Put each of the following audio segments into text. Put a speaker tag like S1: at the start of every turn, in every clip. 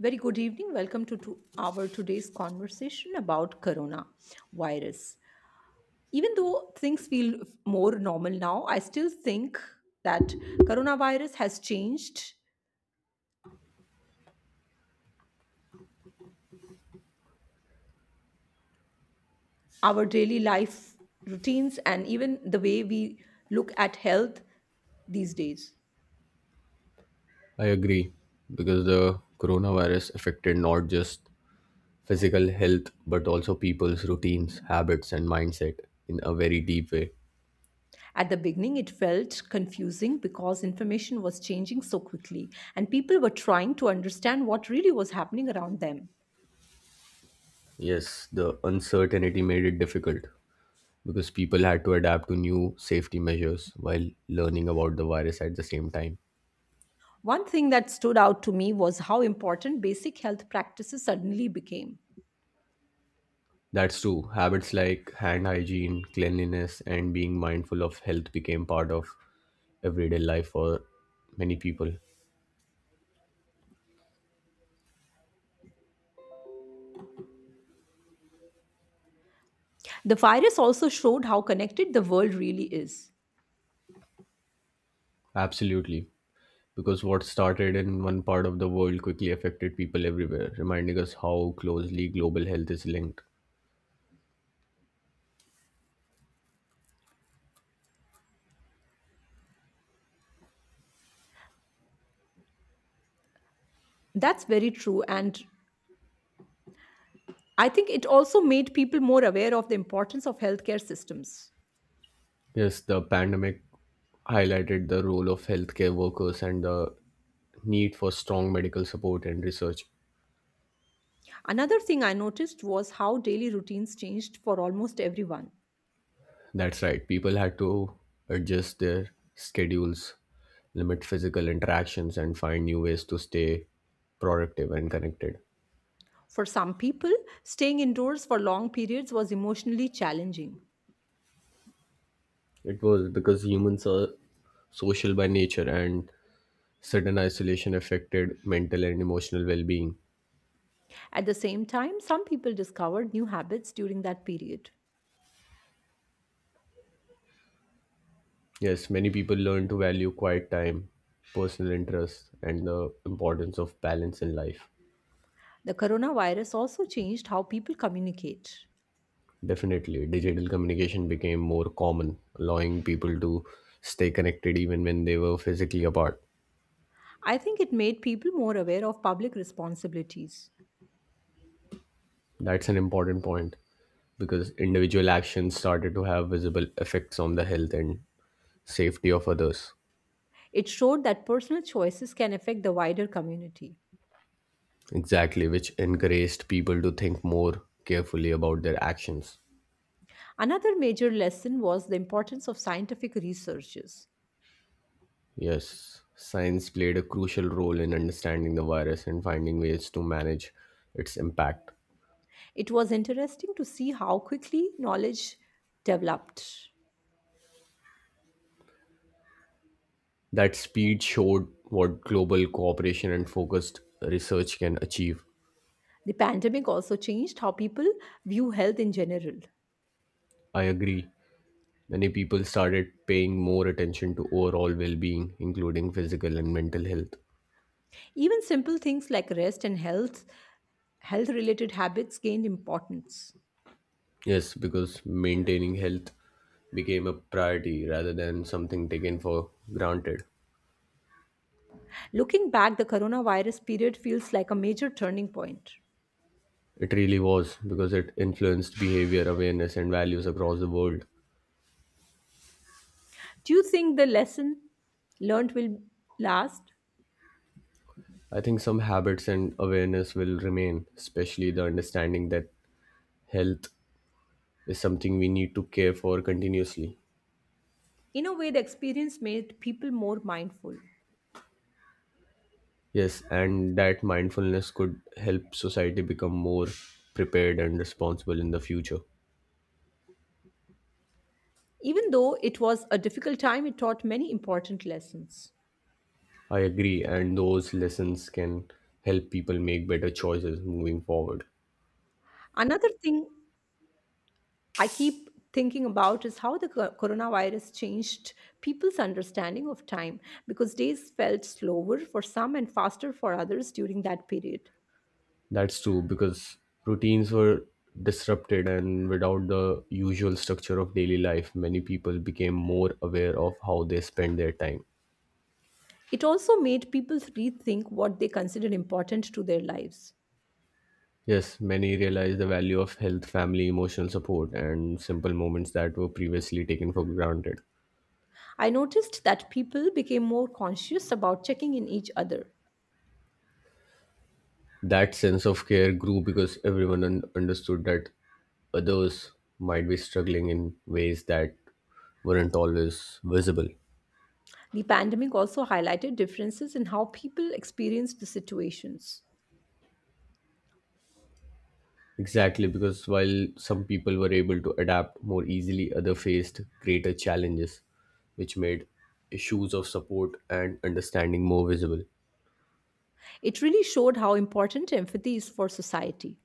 S1: Very good evening. Welcome to our today's conversation about corona virus. Even though things feel more normal now, I still think that coronavirus has changed our daily life routines and even the way we look at health these days.
S2: I agree because the coronavirus affected not just physical health but also people's routines, habits, and mindset in a very deep way.
S1: At the beginning, it felt confusing because information was changing so quickly and people were trying to understand what really was happening around them.
S2: Yes, the uncertainty made it difficult because people had to adapt to new safety measures while learning about the virus at the same time.
S1: One thing that stood out to me was how important basic health practices suddenly became.
S2: That's true. Habits like hand hygiene, cleanliness, and being mindful of health became part of everyday life for many people.
S1: The virus also showed how connected the world really is.
S2: Absolutely, because what started in one part of the world quickly affected people everywhere, reminding us how closely global health is linked.
S1: That's very true and I think it also made people more aware of the importance of healthcare systems.
S2: Yes, the pandemic highlighted the role of healthcare workers and the need for strong medical support and research.
S1: Another thing I noticed was how daily routines changed for almost everyone.
S2: That's right, people had to adjust their schedules, limit physical interactions, and find new ways to stay productive and connected.
S1: For some people, staying indoors for long periods was emotionally challenging.
S2: It was because humans are social by nature and sudden isolation affected mental and emotional well being.
S1: At the same time, some people discovered new habits during that period.
S2: Yes, many people learn to value quiet time, personal interests, and the importance of balance in life.
S1: The coronavirus also changed how people communicate.
S2: Definitely, digital communication became more common, allowing people to stay connected even when they were physically apart.
S1: I think it made people more aware of public responsibilities.
S2: That's an important point because individual actions started to have visible effects on the health and safety of others.
S1: It showed that personal choices can affect the wider community.
S2: Exactly, which encouraged people to think more carefully about their actions.
S1: Another major lesson was the importance of scientific researches.
S2: Yes, science played a crucial role in understanding the virus and finding ways to manage its impact.
S1: It was interesting to see how quickly knowledge developed.
S2: That speed showed what global cooperation and focused research can achieve.
S1: The pandemic also changed how people view health in general.
S2: I agree. Many people started paying more attention to overall well being, including physical and mental health.
S1: Even simple things like rest and health related habits gained importance.
S2: Yes, because maintaining health became a priority rather than something taken for granted.
S1: Looking back, the coronavirus period feels like a major turning point.
S2: It really was because it influenced behavior, awareness, and values across the world.
S1: Do you think the lesson learned will last?
S2: I think some habits and awareness will remain, especially the understanding that health is something we need to care for continuously.
S1: In a way, the experience made people more mindful.
S2: Yes, and that mindfulness could help society become more prepared and responsible in the future.
S1: Even though it was a difficult time, it taught many important lessons.
S2: I agree, and those lessons can help people make better choices moving forward.
S1: Another thing I keep thinking about is how the coronavirus changed people's understanding of time because days felt slower for some and faster for others during that period.
S2: That's true because routines were disrupted, and without the usual structure of daily life, many people became more aware of how they spend their time.
S1: It also made people rethink what they considered important to their lives.
S2: Yes, many realize the value of health, family, emotional support, and simple moments that were previously taken for granted.
S1: I noticed that people became more conscious about checking in each other.
S2: That sense of care grew because everyone understood that others might be struggling in ways that weren't always visible.
S1: The pandemic also highlighted differences in how people experienced the situations.
S2: Exactly, because while some people were able to adapt more easily, others faced greater challenges, which made issues of support and understanding more visible.
S1: It really showed how important empathy is for society.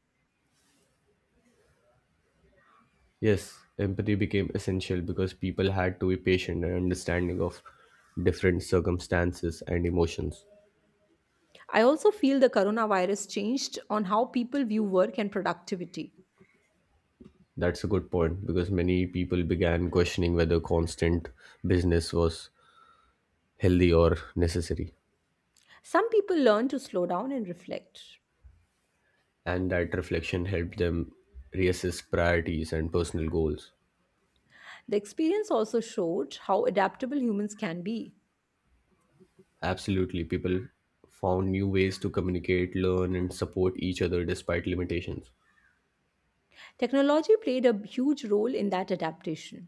S2: Yes, empathy became essential because people had to be patient and understanding of different circumstances and emotions.
S1: I also feel the coronavirus changed on how people view work and productivity.
S2: That's a good point because many people began questioning whether constant business was healthy or necessary.
S1: Some people learned to slow down and reflect.
S2: And that reflection helped them reassess priorities and personal goals.
S1: The experience also showed how adaptable humans can be.
S2: Absolutely, people found new ways to communicate, learn, and support each other despite limitations.
S1: Technology played a huge role in that adaptation.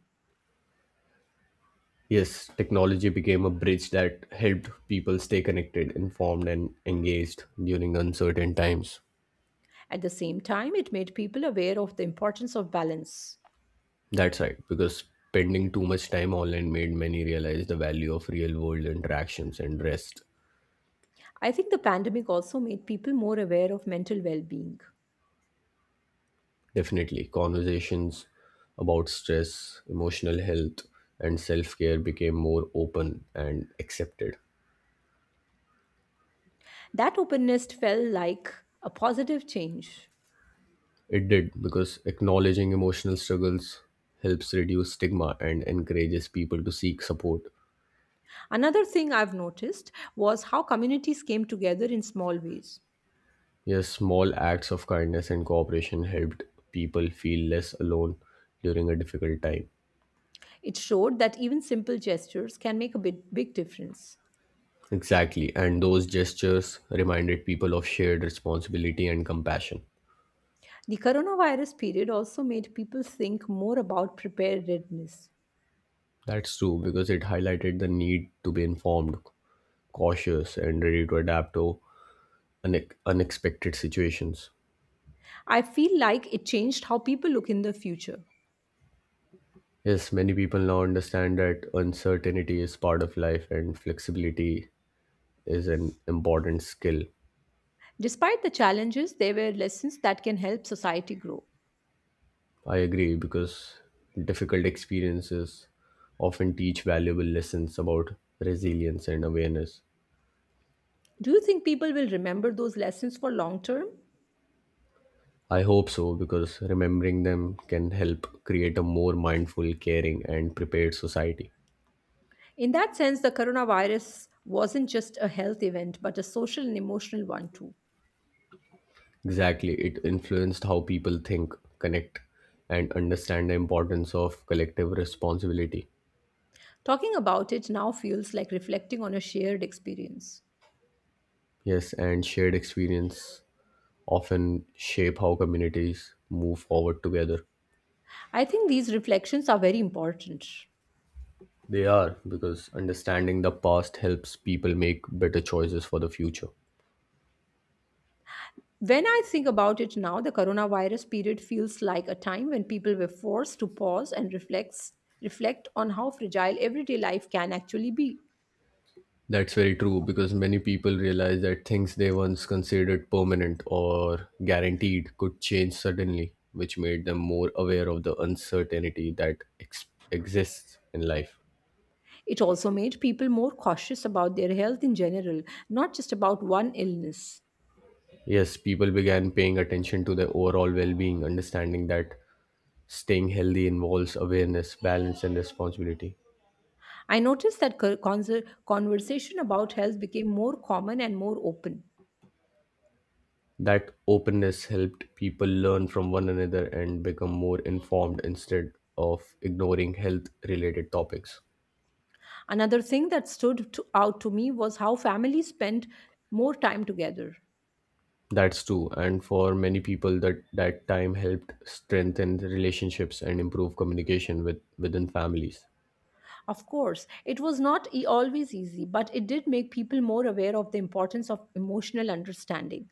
S2: Yes, technology became a bridge that helped people stay connected, informed, and engaged during uncertain times.
S1: At the same time, it made people aware of the importance of balance.
S2: That's right, because spending too much time online made many realize the value of real world interactions and rest.
S1: I think the pandemic also made people more aware of mental well being.
S2: Definitely, conversations about stress, emotional health, and self care became more open and accepted.
S1: That openness felt like a positive change.
S2: It did because acknowledging emotional struggles helps reduce stigma and encourages people to seek support.
S1: Another thing I've noticed was how communities came together in small ways.
S2: Yes, small acts of kindness and cooperation helped people feel less alone during a difficult time.
S1: It showed that even simple gestures can make a big difference.
S2: Exactly, and those gestures reminded people of shared responsibility and compassion.
S1: The coronavirus period also made people think more about preparedness.
S2: That's true because it highlighted the need to be informed, cautious, and ready to adapt to unexpected situations.
S1: I feel like it changed how people look in the future.
S2: Yes, many people now understand that uncertainty is part of life and flexibility is an important skill.
S1: Despite the challenges, there were lessons that can help society grow.
S2: I agree because difficult experiences often teach valuable lessons about resilience and awareness.
S1: Do you think people will remember those lessons for long term?
S2: I hope so because remembering them can help create a more mindful, caring, and prepared society.
S1: In that sense, the coronavirus wasn't just a health event, but a social and emotional one too.
S2: Exactly, it influenced how people think, connect, and understand the importance of collective responsibility.
S1: Talking about it now feels like reflecting on a shared experience.
S2: Yes, and shared experience often shape how communities move forward together.
S1: I think these reflections are very important.
S2: They are, because understanding the past helps people make better choices for the future.
S1: When I think about it now, the coronavirus period feels like a time when people were forced to pause and reflect on how fragile everyday life can actually be.
S2: That's very true, because many people realize that things they once considered permanent or guaranteed could change suddenly, which made them more aware of the uncertainty that exists in life.
S1: It also made people more cautious about their health in general, not just about one illness.
S2: Yes, people began paying attention to their overall well being, understanding that staying healthy involves awareness, balance, and responsibility.
S1: I noticed that conversation about health became more common and more open.
S2: That openness helped people learn from one another and become more informed instead of ignoring health related topics.
S1: Another thing that stood out to me was how families spent more time together.
S2: That's true, and for many people that time helped strengthen the relationships and improve communication with within families.
S1: Of course, it was not always easy, but it did make people more aware of the importance of emotional understanding.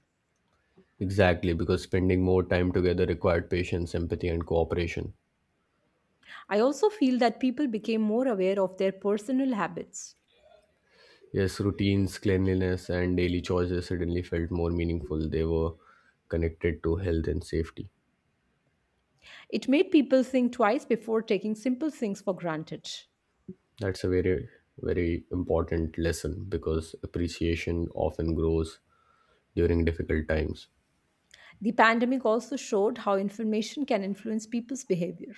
S2: Exactly, because spending more time together required patience, empathy and cooperation.
S1: I also feel that people became more aware of their personal habits.
S2: Yes, routines, cleanliness and daily choices suddenly felt more meaningful. They were connected to health and safety.
S1: It made people think twice before taking simple things for granted.
S2: That's a very, very important lesson because appreciation often grows during difficult times.
S1: The pandemic also showed how information can influence people's behavior.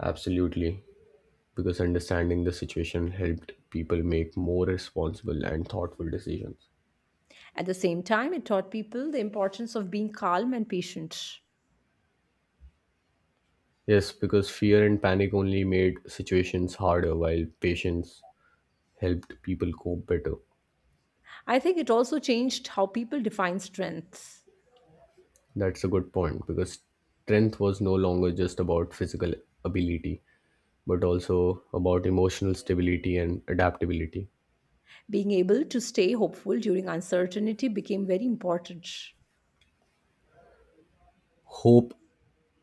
S2: Absolutely. Because understanding the situation helped people make more responsible and thoughtful decisions.
S1: At the same time, it taught people the importance of being calm and patient.
S2: Yes, because fear and panic only made situations harder while patience helped people cope better.
S1: I think it also changed how people define strengths.
S2: That's a good point because strength was no longer just about physical ability but also about emotional stability and adaptability.
S1: Being able to stay hopeful during uncertainty became very important.
S2: Hope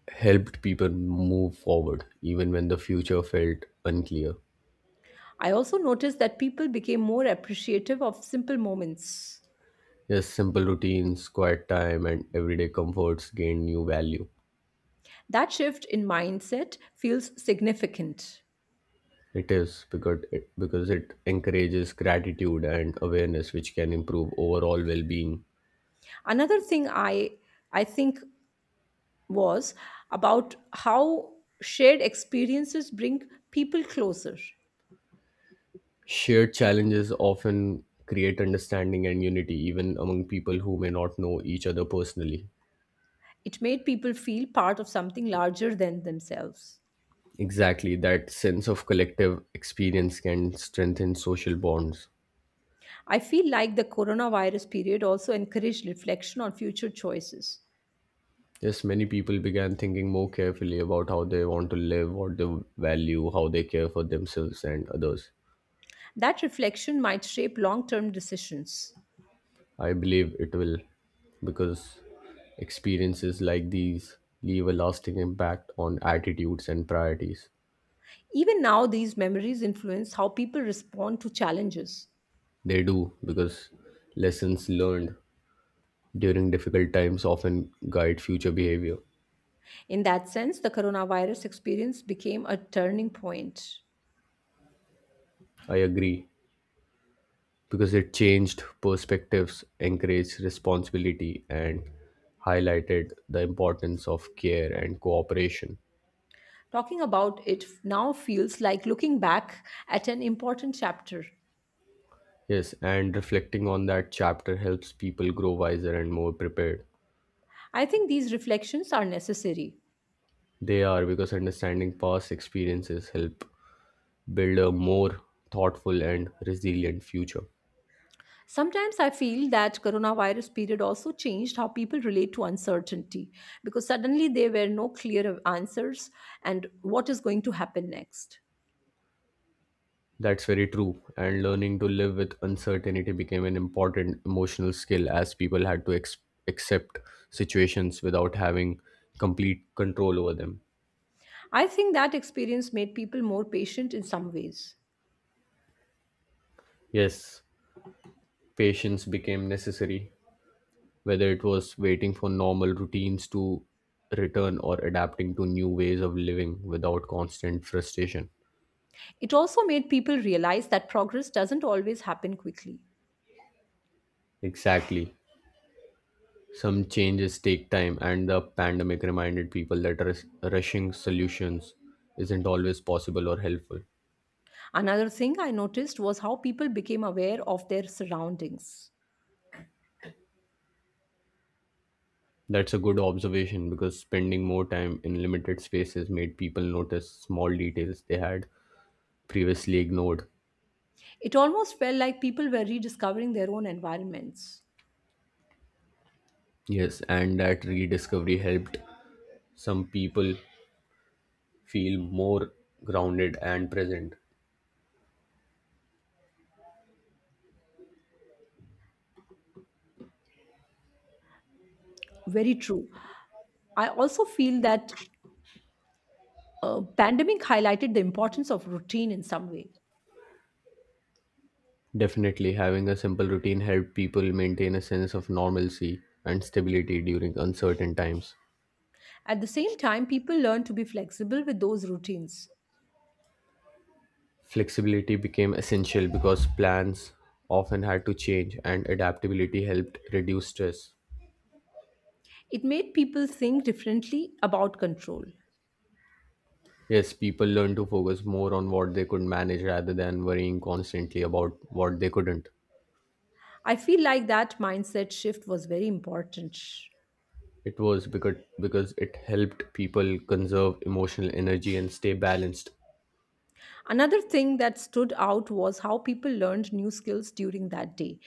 S2: helped people move forward even when the future felt unclear.
S1: I also noticed that people became more appreciative of simple moments.
S2: Yes, simple routines, quiet time, and everyday comforts gain new value.
S1: That shift in mindset feels significant.
S2: It is because it encourages gratitude and awareness, which can improve overall well being.
S1: Another thing I think was about how shared experiences bring people closer.
S2: Shared challenges often create understanding and unity, even among people who may not know each other personally.
S1: It made people feel part of something larger than themselves.
S2: Exactly, that sense of collective experience can strengthen social bonds.
S1: I feel like the coronavirus period also encouraged reflection on future choices.
S2: Yes, many people began thinking more carefully about how they want to live, what they value, how they care for themselves and others.
S1: That reflection might shape long term decisions.
S2: I believe it will because experiences like these leave a lasting impact on attitudes and priorities.
S1: Even now, these memories influence how people respond to challenges.
S2: They do because lessons learned during difficult times often guide future behavior.
S1: In that sense, the coronavirus experience became a turning point.
S2: I agree because it changed perspectives, encouraged responsibility, and highlighted the importance of care and cooperation.
S1: Talking about it now feels like looking back at an important chapter.
S2: Yes, and reflecting on that chapter helps people grow wiser and more prepared.
S1: I think these reflections are necessary.
S2: They are because understanding past experiences help build a more thoughtful and resilient future.
S1: Sometimes I feel that coronavirus period also changed how people relate to uncertainty because suddenly there were no clear answers and what is going to happen next.
S2: That's very true. And learning to live with uncertainty became an important emotional skill as people had to accept situations without having complete control over them.
S1: I think that experience made people more patient in some ways.
S2: Yes, patience became necessary, whether it was waiting for normal routines to return or adapting to new ways of living without constant frustration.
S1: It also made people realize that progress doesn't always happen quickly.
S2: Exactly. Some changes take time, and the pandemic reminded people that rushing solutions isn't always possible or helpful.
S1: Another thing I noticed was how people became aware of their surroundings.
S2: That's a good observation because spending more time in limited spaces made people notice small details they had previously ignored.
S1: It almost felt like people were rediscovering their own environments.
S2: Yes, and that rediscovery helped some people feel more grounded and present.
S1: Very true. I also feel that pandemic highlighted the importance of routine in some way.
S2: Definitely, having a simple routine helped people maintain a sense of normalcy and stability during uncertain times.
S1: At the same time, people learned to be flexible with those routines.
S2: Flexibility became essential because plans often had to change, and adaptability helped reduce stress.
S1: It made people think differently about control.
S2: Yes, people learn to focus more on what they could manage rather than worrying constantly about what they couldn't.
S1: I feel like that mindset shift was very important.
S2: It was because it helped people conserve emotional energy and stay balanced.
S1: Another thing that stood out was how people learned new skills during that day.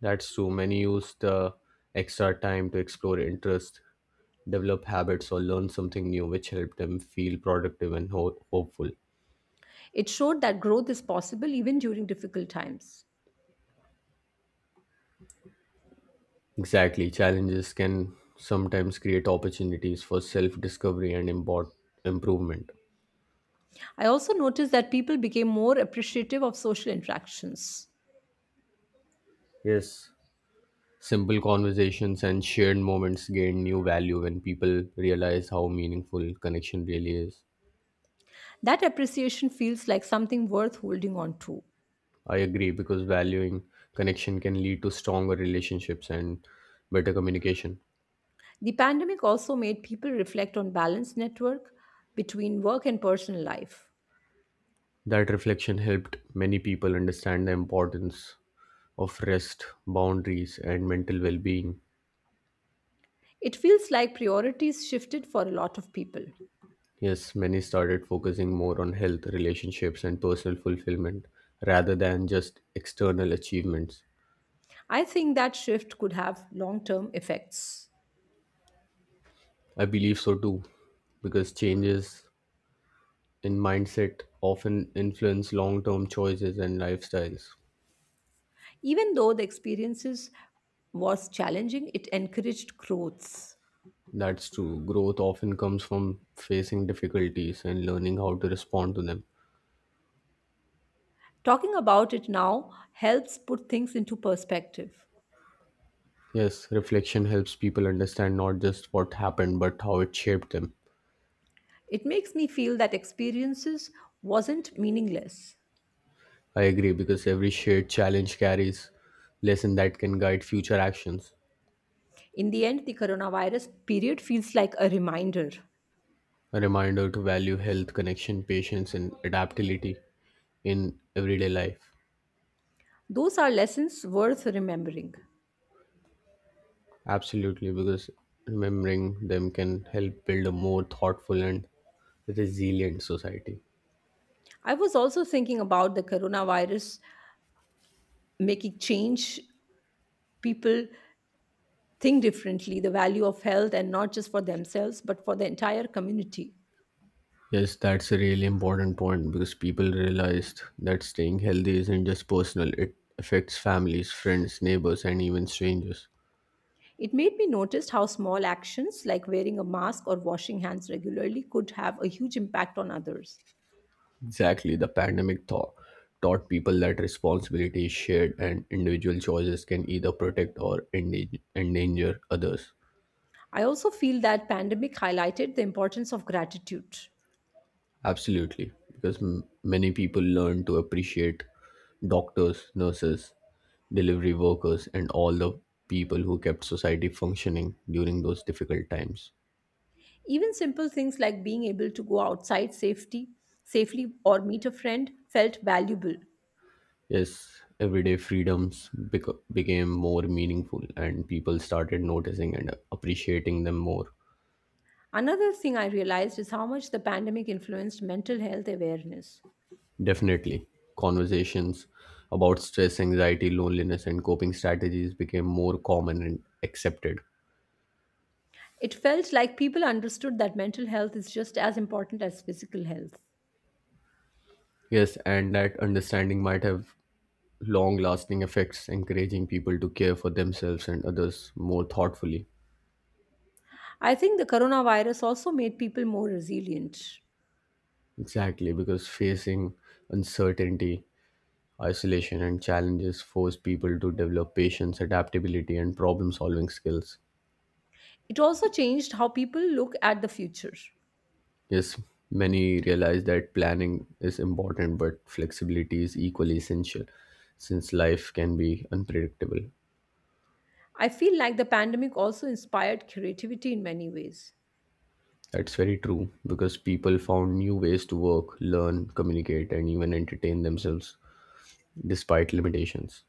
S2: That's true. Many use the extra time to explore interests, develop habits, or learn something new, which helped them feel productive and hopeful.
S1: It showed that growth is possible even during difficult times.
S2: Exactly. Challenges can sometimes create opportunities for self discovery and improvement.
S1: I also noticed that people became more appreciative of social interactions.
S2: Yes, simple conversations and shared moments gain new value when people realize how meaningful connection really is.
S1: That appreciation feels like something worth holding on to.
S2: I agree because valuing connection can lead to stronger relationships and better communication.
S1: The pandemic also made people reflect on balance network between work and personal life.
S2: That reflection helped many people understand the importance of rest, boundaries, and mental well being.
S1: It feels like priorities shifted for a lot of people.
S2: Yes, many started focusing more on health, relationships, and personal fulfillment rather than just external achievements.
S1: I think that shift could have long term effects.
S2: I believe so too, because changes in mindset often influence long-term choices and lifestyles.
S1: Even though the experiences was challenging, it encouraged growth.
S2: That's true. Growth often comes from facing difficulties and learning how to respond to them.
S1: Talking about it now helps put things into perspective.
S2: Yes, reflection helps people understand not just what happened but how it shaped them.
S1: It makes me feel that experiences wasn't meaningless.
S2: I agree because every shared challenge carries lesson that can guide future actions.
S1: In the end, the coronavirus period feels like a reminder.
S2: A reminder to value health, connection, patience and adaptability in everyday life.
S1: Those are lessons worth remembering.
S2: Absolutely, because remembering them can help build a more thoughtful and resilient society.
S1: I was also thinking about the coronavirus making change people think differently the value of health and not just for themselves but for the entire community.
S2: Yes, that's a really important point because people realized that staying healthy isn't just personal, it affects families, friends, neighbors, and even strangers.
S1: It made me notice how small actions like wearing a mask or washing hands regularly could have a huge impact on others.
S2: Exactly, the pandemic taught people that responsibility is shared and individual choices can either protect or endanger others.
S1: I also feel that pandemic highlighted the importance of gratitude.
S2: Absolutely, because many people learn to appreciate doctors, nurses, delivery workers, and all the people who kept society functioning during those difficult times.
S1: Even simple things like being able to go outside safety safely or meet a friend felt valuable.
S2: Yes, everyday freedoms became more meaningful, and people started noticing and appreciating them more.
S1: Another thing I realized is how much the pandemic influenced mental health awareness.
S2: Definitely, conversations about stress, anxiety, loneliness, and coping strategies became more common and accepted.
S1: It felt like people understood that mental health is just as important as physical health.
S2: Yes, and that understanding might have long lasting effects, encouraging people to care for themselves and others more thoughtfully.
S1: I think the coronavirus also made people more resilient.
S2: Exactly, because facing uncertainty, isolation, and challenges force people to develop patience, adaptability, and problem solving skills.
S1: It also changed how people look at the future.
S2: Yes, many realize that planning is important, but flexibility is equally essential since life can be unpredictable.
S1: I feel like the pandemic also inspired creativity in many ways.
S2: That's very true because people found new ways to work, learn, communicate, and even entertain themselves despite limitations.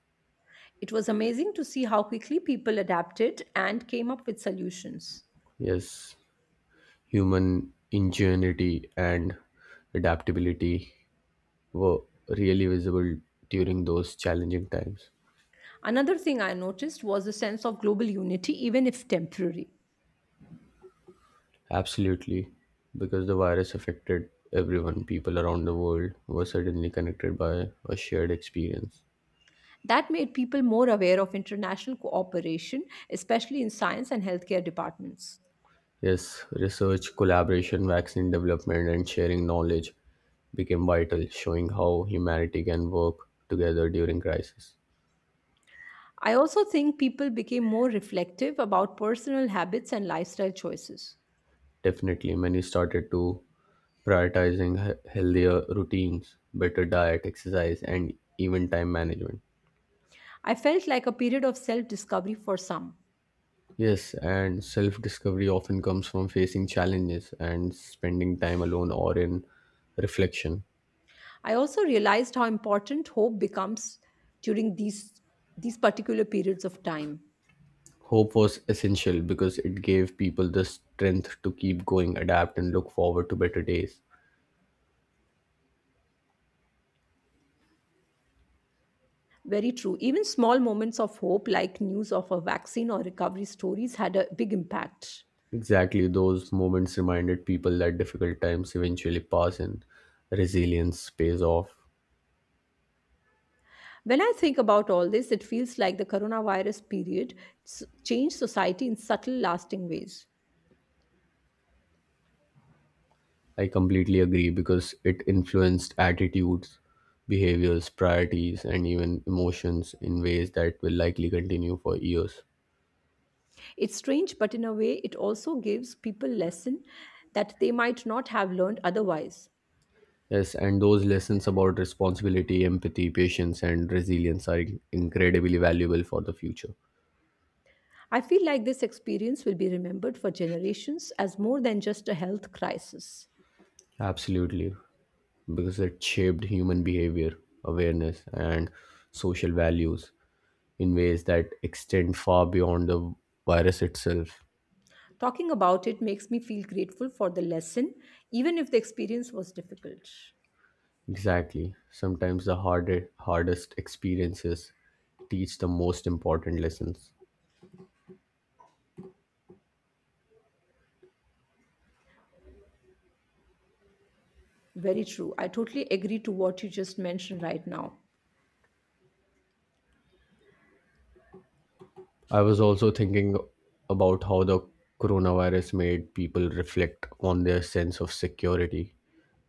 S1: It was amazing to see how quickly people adapted and came up with solutions.
S2: Yes, human ingenuity and adaptability were really visible during those challenging times.
S1: Another thing I noticed was a sense of global unity, even if temporary.
S2: Absolutely, because the virus affected everyone, people around the world were suddenly connected by a shared experience.
S1: That made people more aware of international cooperation, especially in science and healthcare departments.
S2: Yes, research, collaboration, vaccine development, and sharing knowledge became vital, showing how humanity can work together during crisis.
S1: I also think people became more reflective about personal habits and lifestyle choices.
S2: Definitely, many started to prioritizing healthier routines, better diet, exercise, and even time management.
S1: I felt like a period of self discovery for some.
S2: Yes, and self discovery often comes from facing challenges and spending time alone or in reflection.
S1: I also realized how important hope becomes during these particular periods of time.
S2: Hope was essential because it gave people the strength to keep going, adapt, and look forward to better days.
S1: Very true. Even small moments of hope, like news of a vaccine or recovery stories, had a big impact.
S2: Exactly, those moments reminded people that difficult times eventually pass and resilience pays off.
S1: When I think about all this, it feels like the coronavirus period changed society in subtle, lasting ways.
S2: I completely agree because it influenced attitudes, behaviors, priorities, and even emotions in ways that will likely continue for years.
S1: It's strange, but in a way, it also gives people lesson that they might not have learned otherwise.
S2: Yes, and those lessons about responsibility, empathy, patience, and resilience are incredibly valuable for the future.
S1: I feel like this experience will be remembered for generations as more than just a health crisis.
S2: Absolutely, because it shaped human behavior, awareness, and social values in ways that extend far beyond the virus itself.
S1: Talking about it makes me feel grateful for the lesson, even if the experience was difficult.
S2: Exactly. Sometimes the hardest experiences teach the most important lessons.
S1: Very true. I totally agree to what you just mentioned right now.
S2: I was also thinking about how the coronavirus made people reflect on their sense of security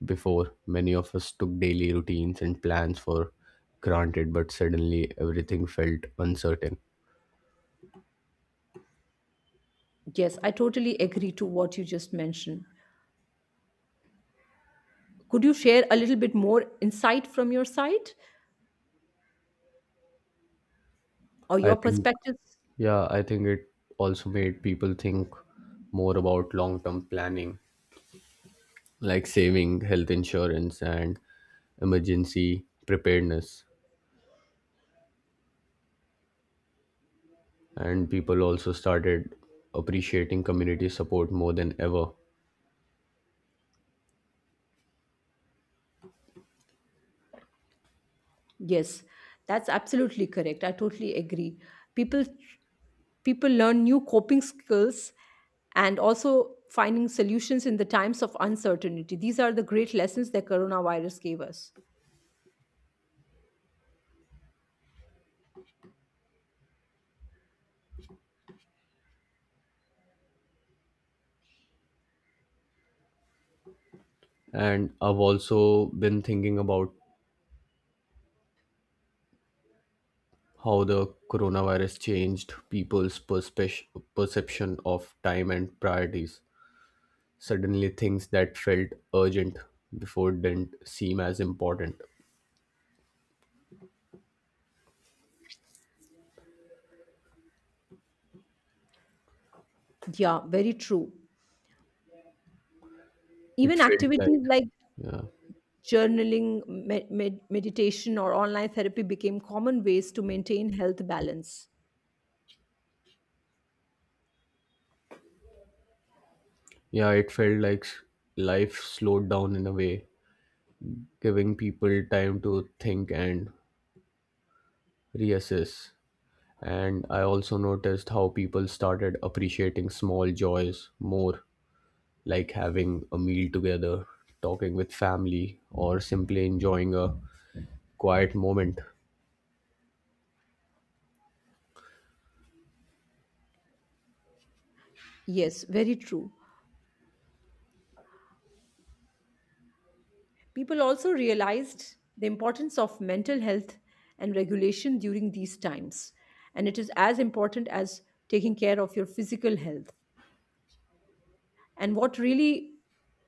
S2: before. Many of us took daily routines and plans for granted, but suddenly everything felt uncertain.
S1: Yes, I totally agree to what you just mentioned. Could you share a little bit more insight from your side or
S2: I
S1: your
S2: think,
S1: perspectives?
S2: yeah, I think it also made people think more about long term planning, like saving, health insurance, and emergency preparedness. And people also started appreciating community support more than ever.
S1: Yes, that's absolutely correct. I totally agree. People people learn new coping skills and also finding solutions in the times of uncertainty. These are the great lessons that coronavirus gave us.
S2: And I've also been thinking about how the coronavirus changed people's perception of time and priorities. Suddenly, things that felt urgent before didn't seem as important.
S1: Yeah, very true.
S2: It
S1: Even
S2: felt like,
S1: activities like
S2: yeah,
S1: journaling, meditation, or online therapy became common ways to maintain health balance.
S2: yeah, it felt like s- Life slowed down in a way, giving people time to think and reassess. And I also noticed how people started appreciating small joys more, like having a meal together, talking with family, or simply enjoying a quiet moment.
S1: Yes, very true. People also realized the importance of mental health and regulation during these times. And it is as important as taking care of your physical health. And what really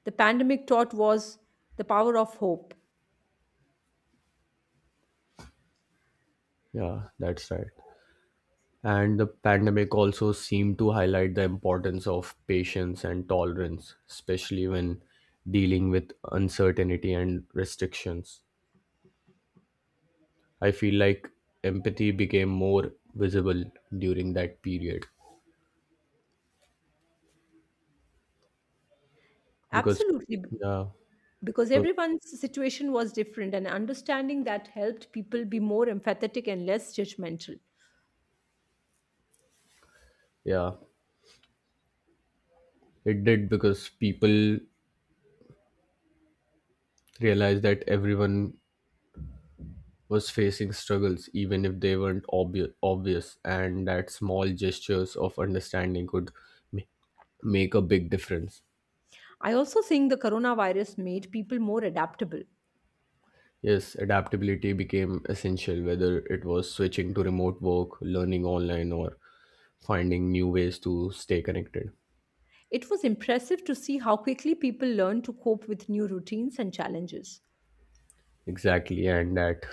S1: the pandemic taught was the power of hope.
S2: Yeah, that's right. And the pandemic also seemed to highlight the importance of patience and tolerance, especially when dealing with uncertainty and restrictions. I feel like empathy became more visible during that period because,
S1: Absolutely.
S2: yeah,
S1: Because
S2: so-
S1: everyone's situation was different, and understanding that helped people be more empathetic and less judgmental.
S2: yeah, it did because people realized that everyone was facing struggles, even if they weren't obvious, and that small gestures of understanding could ma- make a big difference.
S1: I also think the coronavirus made people more adaptable.
S2: Yes, adaptability became essential, whether it was switching to remote work, learning online, or finding new ways to stay connected.
S1: It was impressive to see how quickly people learned to cope with new routines and challenges.
S2: Exactly, and that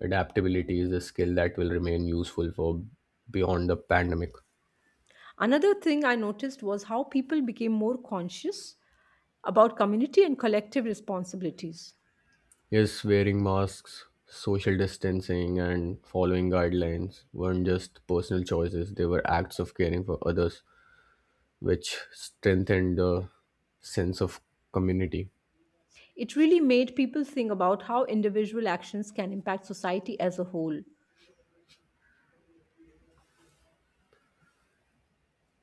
S2: adaptability is a skill that will remain useful for beyond the pandemic.
S1: Another thing I noticed was how people became more conscious about community and collective responsibilities.
S2: Yes, wearing masks, social distancing, and following guidelines weren't just personal choices, they were acts of caring for others, which strengthened the sense of community.
S1: It really made people think about how individual actions can impact society as a whole.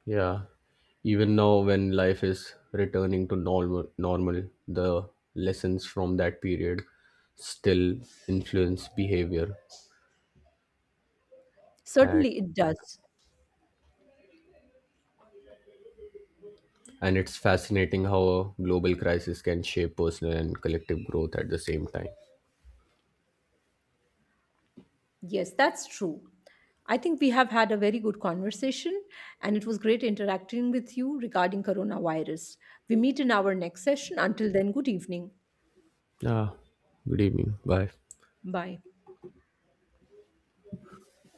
S2: Yeah, even now, when life is returning to normal, the lessons from that period still influence behavior. And,
S1: Certainly, it does.
S2: and it's fascinating how a global crisis can shape personal and collective growth at the same time.
S1: Yes, that's true. I think we have had a very good conversation and it was great interacting with you regarding coronavirus. We meet in our next session. Until then, good evening.
S2: Ah, good evening. Bye.
S1: Bye.